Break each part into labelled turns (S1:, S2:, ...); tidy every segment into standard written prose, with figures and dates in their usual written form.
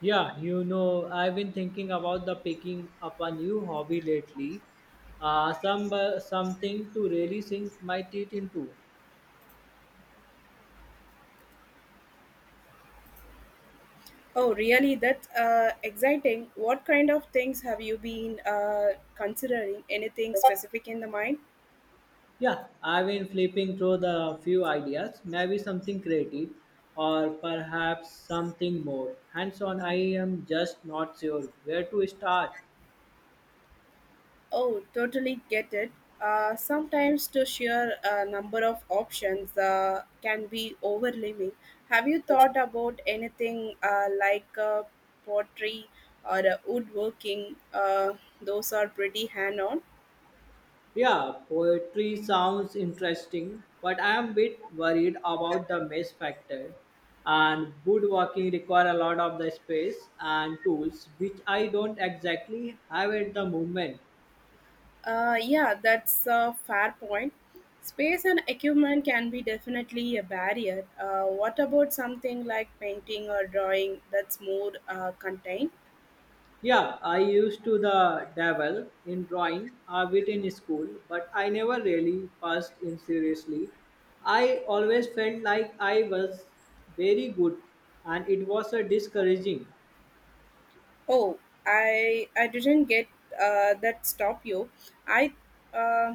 S1: Yeah, you know, I've been thinking about the picking up a new hobby lately. Something to really sink my teeth into.
S2: Oh, really? That's exciting. What kind of things have you been considering? Anything specific in the mind?
S1: Yeah, I've been flipping through the few ideas. Maybe something creative, or perhaps something more hands-on. I am just not sure where to start.
S2: Oh, totally get it. Sometimes to share a number of options can be overwhelming. Have you thought about anything like pottery or woodworking? Those are pretty hand on.
S1: Yeah, poetry sounds interesting, but I am a bit worried about the mess factor. And woodworking require a lot of the space and tools, which I don't exactly have at the moment.
S2: Yeah, that's a fair point. Space and equipment can be definitely a barrier. What about something like painting or drawing that's more contained?
S1: Yeah, I used to the dabble in drawing a bit in school, but I never really passed in seriously. I always felt like I was very good, and it was a discouraging.
S2: Oh, I didn't get that stop you. I uh,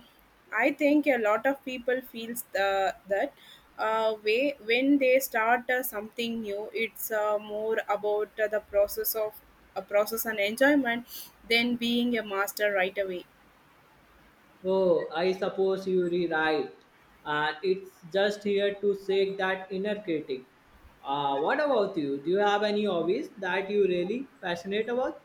S2: I think a lot of people feels that way when they start something new. It's more about the process of a process and enjoyment than being a master right away.
S1: Oh, I suppose you are right. And it's just here to shake that inner critic. What about you? Do you have any hobbies that you really passionate about?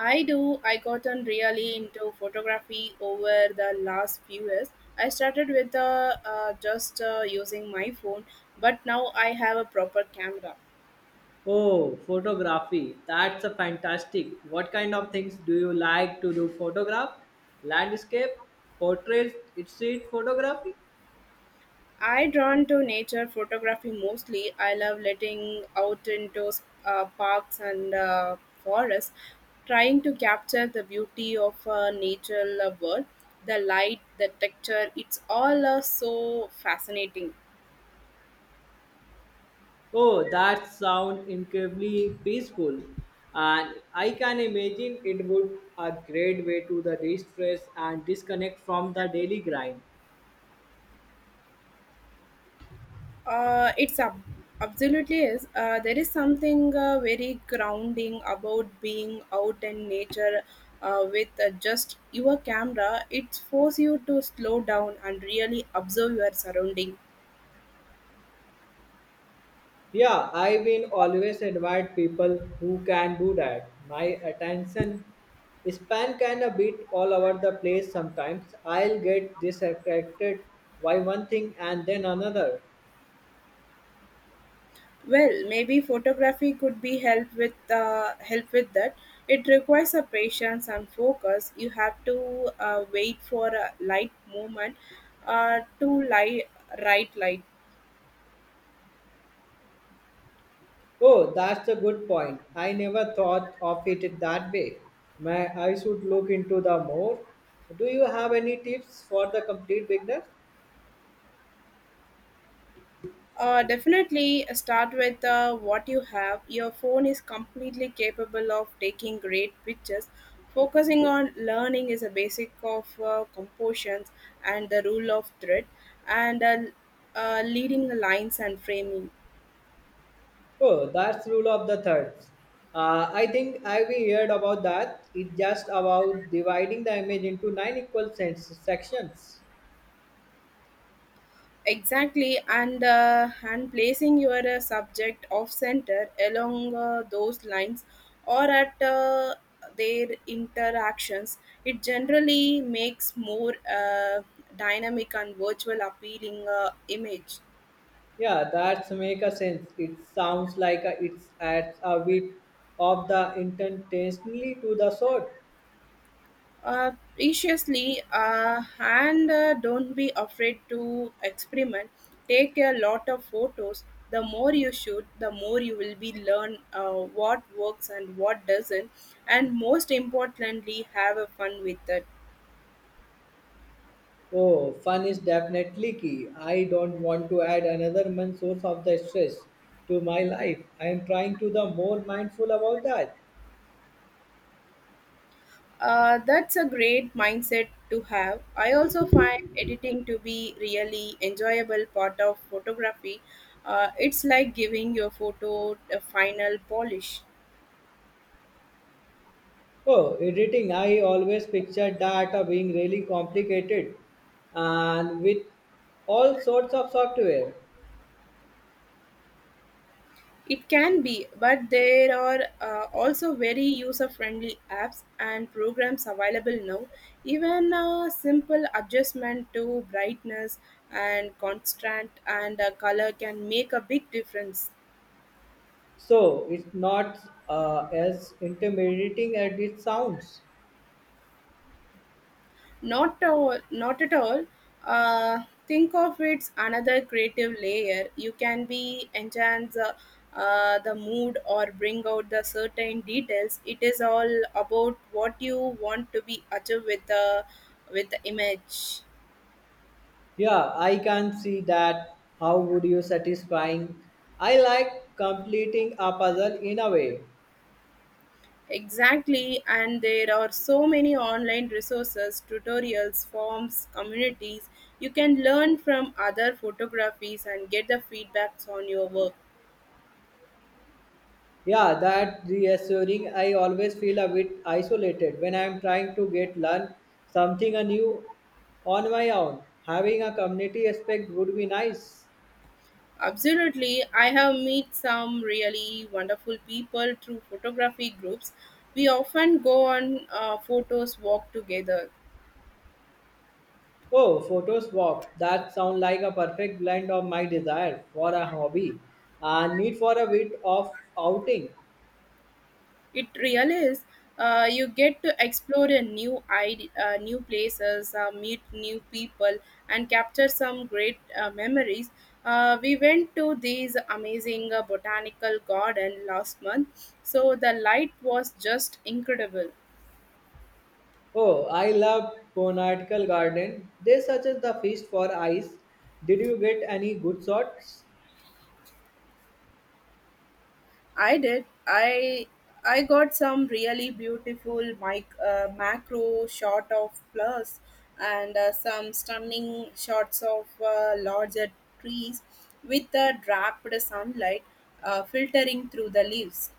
S2: I do. I gotten really into photography over the last few years. I started with just using my phone, but now I have a proper camera.
S1: Oh, photography. That's a fantastic. What kind of things do you like to do? Photograph, landscape, portraits, street photography.
S2: I drawn to nature photography mostly. I love letting out into parks and forests, trying to capture the beauty of natural world, the light, the texture. It's all so fascinating.
S1: Oh, that sounds incredibly peaceful. And I can imagine it would a great way to the distress and disconnect from the daily grind.
S2: Uh, it's ab- absolutely is. There is something very grounding about being out in nature with just your camera. It forces you to slow down and really observe your surrounding.
S1: Yeah, I've been always admired people who can do that. My attention span can a bit all over the place sometimes. I'll get distracted by one thing and then another.
S2: Well, maybe photography could be help with that. It requires a patience and focus. You have to wait for a light movement to light right light.
S1: Oh, that's a good point. I never thought of it that way. May I should look into the more. Do you have any tips for the complete beginner?
S2: Definitely start with what you have. Your phone is completely capable of taking great pictures. Focusing on learning is a basic of compositions and the rule of thread and leading lines and framing.
S1: Oh, that's rule of the thirds. I think I've heard about that. It's just about dividing the image into nine equal sense sections.
S2: Exactly, and placing your subject off center along those lines or at their interactions, it generally makes more dynamic and virtual appealing image.
S1: Yeah, that's make a sense. It sounds like a, it's adds a bit of the intensely to the sword.
S2: Preciously and don't be afraid to experiment, take a lot of photos. The more you shoot, the more you will be learn what works and what doesn't, and most importantly have a fun with it.
S1: Oh, fun is definitely key. I don't want to add another month source of the stress to my life. I am trying to the more mindful about that.
S2: That's a great mindset to have. I also find editing to be really enjoyable part of photography. It's like giving your photo a final polish.
S1: Oh, editing. I always pictured data being really complicated and with all sorts of software.
S2: It can be, but there are also very user friendly apps and programs available now. Even a simple adjustment to brightness and constant and color can make a big difference.
S1: So it's not as intimidating as it sounds.
S2: Not all, not at all. Think of it's another creative layer. You can be enhance the mood or bring out the certain details. It is all about what you want to be achieved with the image.
S1: Yeah, I can see that. How would you satisfying? I like completing a puzzle in a way.
S2: Exactly, and there are so many online resources, tutorials, forms, communities. You can learn from other photographies and get the feedbacks on your work.
S1: Yeah, that reassuring. I always feel a bit isolated when I'm trying to get learn something anew on my own. Having a community aspect would be nice.
S2: Absolutely. I have met some really wonderful people through photography groups. We often go on photos walk together.
S1: Oh, photo swap. That sounds like a perfect blend of my desire for a hobby and need for a bit of outing.
S2: It really is. You get to explore new places, meet new people, and capture some great memories. We went to this amazing botanical garden last month, so the light was just incredible.
S1: Oh, I love botanical garden. They suggest the feast for eyes. Did you get any good shots?
S2: I did. I got some really beautiful macro shot of plus and some stunning shots of larger trees with the draped sunlight filtering through the leaves.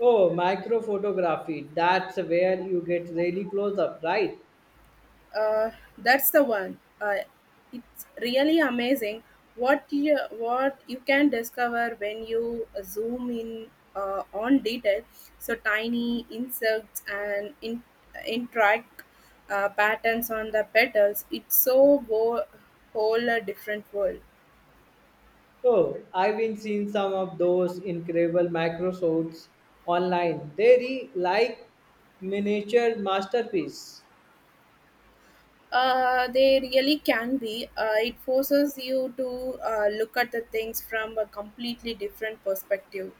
S1: Oh, microphotography. That's where you get really close up, right?
S2: Uh, that's the one. It's really amazing what you can discover when you zoom in on detail. So tiny insects and interact patterns on the petals. It's whole a different world.
S1: Oh, I've been seeing some of those incredible microsodes online. Like miniature masterpiece.
S2: They really can be. It forces you to look at the things from a completely different perspective.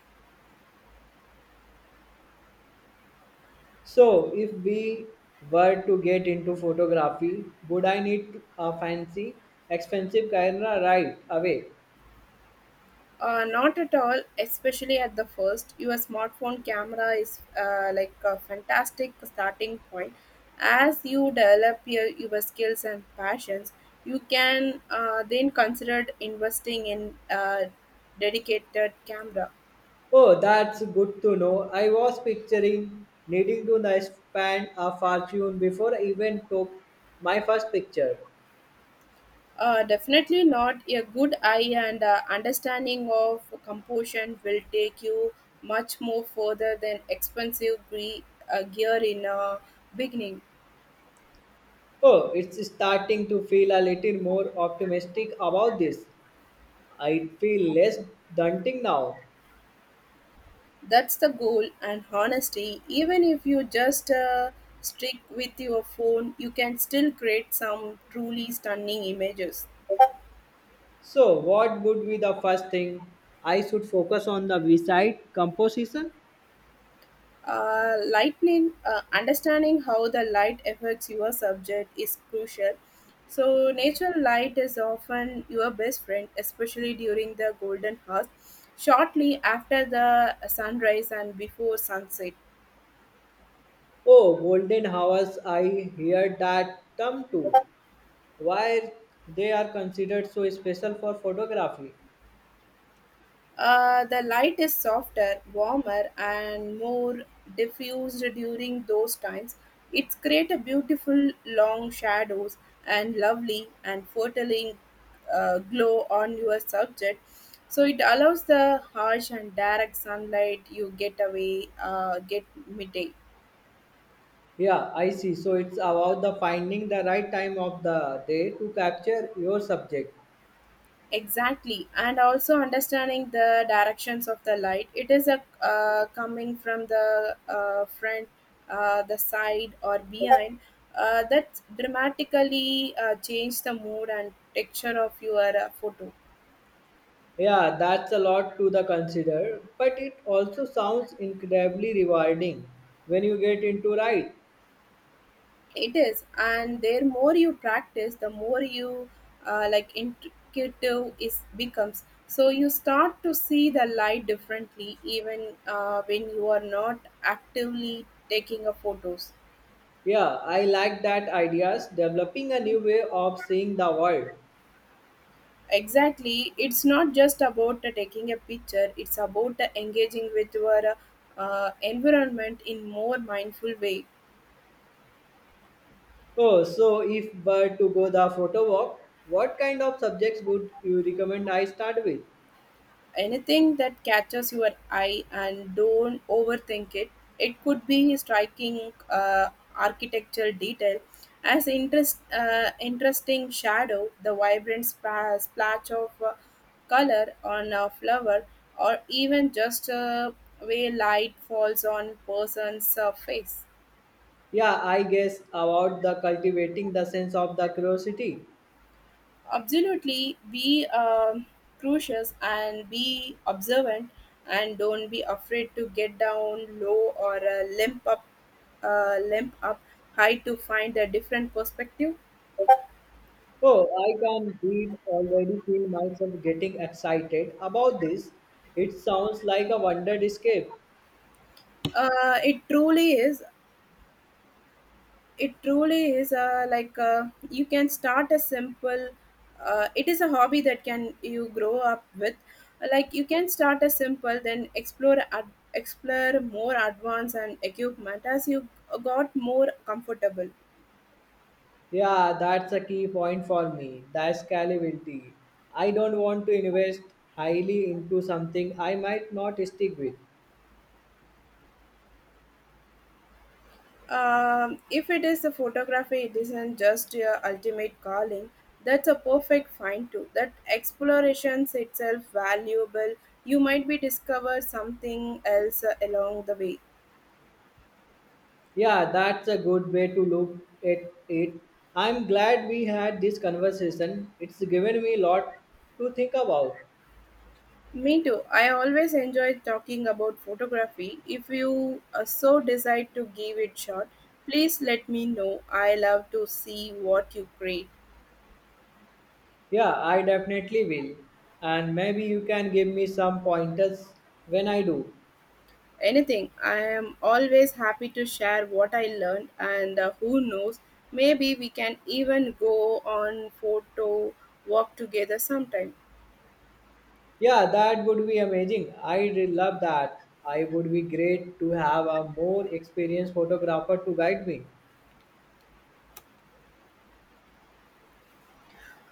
S1: So, if we were to get into photography, would I need a fancy, expensive camera right away?
S2: Not at all, especially at the first. Your smartphone camera is like a fantastic starting point. As you develop your skills and passions, you can then consider investing in a dedicated camera.
S1: Oh, that's good to know. I was picturing needing to nice, spend a fortune before I even took my first picture.
S2: Definitely not. A good eye and understanding of composition will take you much more further than expensive gear in a beginning.
S1: Oh, it's starting to feel a little more optimistic about this. I feel less daunting now.
S2: That's the goal, and honestly, even if you just stick with your phone, you can still create some truly stunning images.
S1: So, what would be the first thing? I should focus on the beside composition.
S2: Lightning, understanding how the light affects your subject is crucial. So, natural light is often your best friend, especially during the golden hours, shortly after the sunrise and before sunset.
S1: Oh, golden hours, I hear that term too. Why they are considered so special for photography?
S2: The light is softer, warmer, and more diffused during those times. It's create a beautiful long shadows and lovely and foretelling glow on your subject. So it allows the harsh and direct sunlight you get away, get midday.
S1: Yeah, I see. So, it's about the finding the right time of the day to capture your subject.
S2: Exactly, and also understanding the directions of the light. It is a coming from the front, the side, or behind. That dramatically change the mood and texture of your photo.
S1: Yeah, that's a lot to the consider, but it also sounds incredibly rewarding when you get into right.
S2: It is, and the more you practice, the more you like intuitive is becomes. So you start to see the light differently, even when you are not actively taking a photos.
S1: Yeah, I like that ideas developing a new way of seeing the world.
S2: Exactly. It's not just about taking a picture, it's about engaging with your environment in more mindful way.
S1: Oh, so if were to go the photo walk, what kind of subjects would you recommend I start with?
S2: Anything that catches your eye, and don't overthink it. It could be a striking architectural detail, as interesting shadow, the vibrant splash of color on a flower, or even just way light falls on person's face.
S1: Yeah, I guess about the cultivating the sense of the curiosity.
S2: Absolutely, be cautious and be observant, and don't be afraid to get down low or limp up high to find a different perspective.
S1: Oh, I can read already feel myself getting excited about this. It sounds like a wonder escape.
S2: It truly is, it truly is you can start a simple, it is a hobby that can you grow up with, like you can start a simple then explore more advanced and equipment as you got more comfortable.
S1: Yeah, that's a key point for me. The scalability. I don't want to invest highly into something I might not stick with.
S2: If it is the photography it isn't just your ultimate calling, that's a perfect find too. That explorations itself valuable, you might be discover something else along the way.
S1: Yeah, that's a good way to look at it. I'm glad we had this conversation. It's given me a lot to think about.
S2: Me too. I always enjoy talking about photography. If you so decide to give it shot, please let me know. I love to see what you create.
S1: Yeah, I definitely will. And maybe you can give me some pointers when I do.
S2: Anything. I am always happy to share what I learned, and who knows, maybe we can even go on photo walk together sometime.
S1: Yeah, that would be amazing. I'd love that. I would be great to have a more experienced photographer to guide me.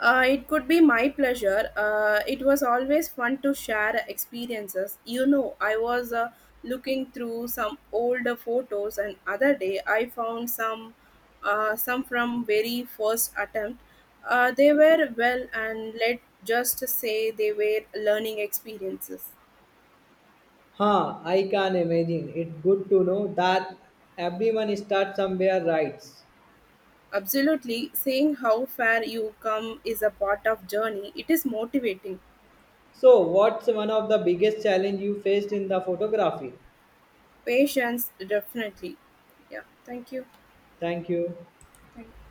S2: It could be my pleasure. It was always fun to share experiences. You know, I was looking through some older photos, and other day I found some from very first attempt. They were well, and let just say they were learning experiences.
S1: Huh, I can imagine. It's good to know that everyone starts somewhere right.
S2: Absolutely, seeing how far you come is a part of journey. It is motivating.
S1: So, what's one of the biggest challenge you faced in the photography?
S2: Patience, definitely. Yeah. Thank you.
S1: Thank you.
S2: Thank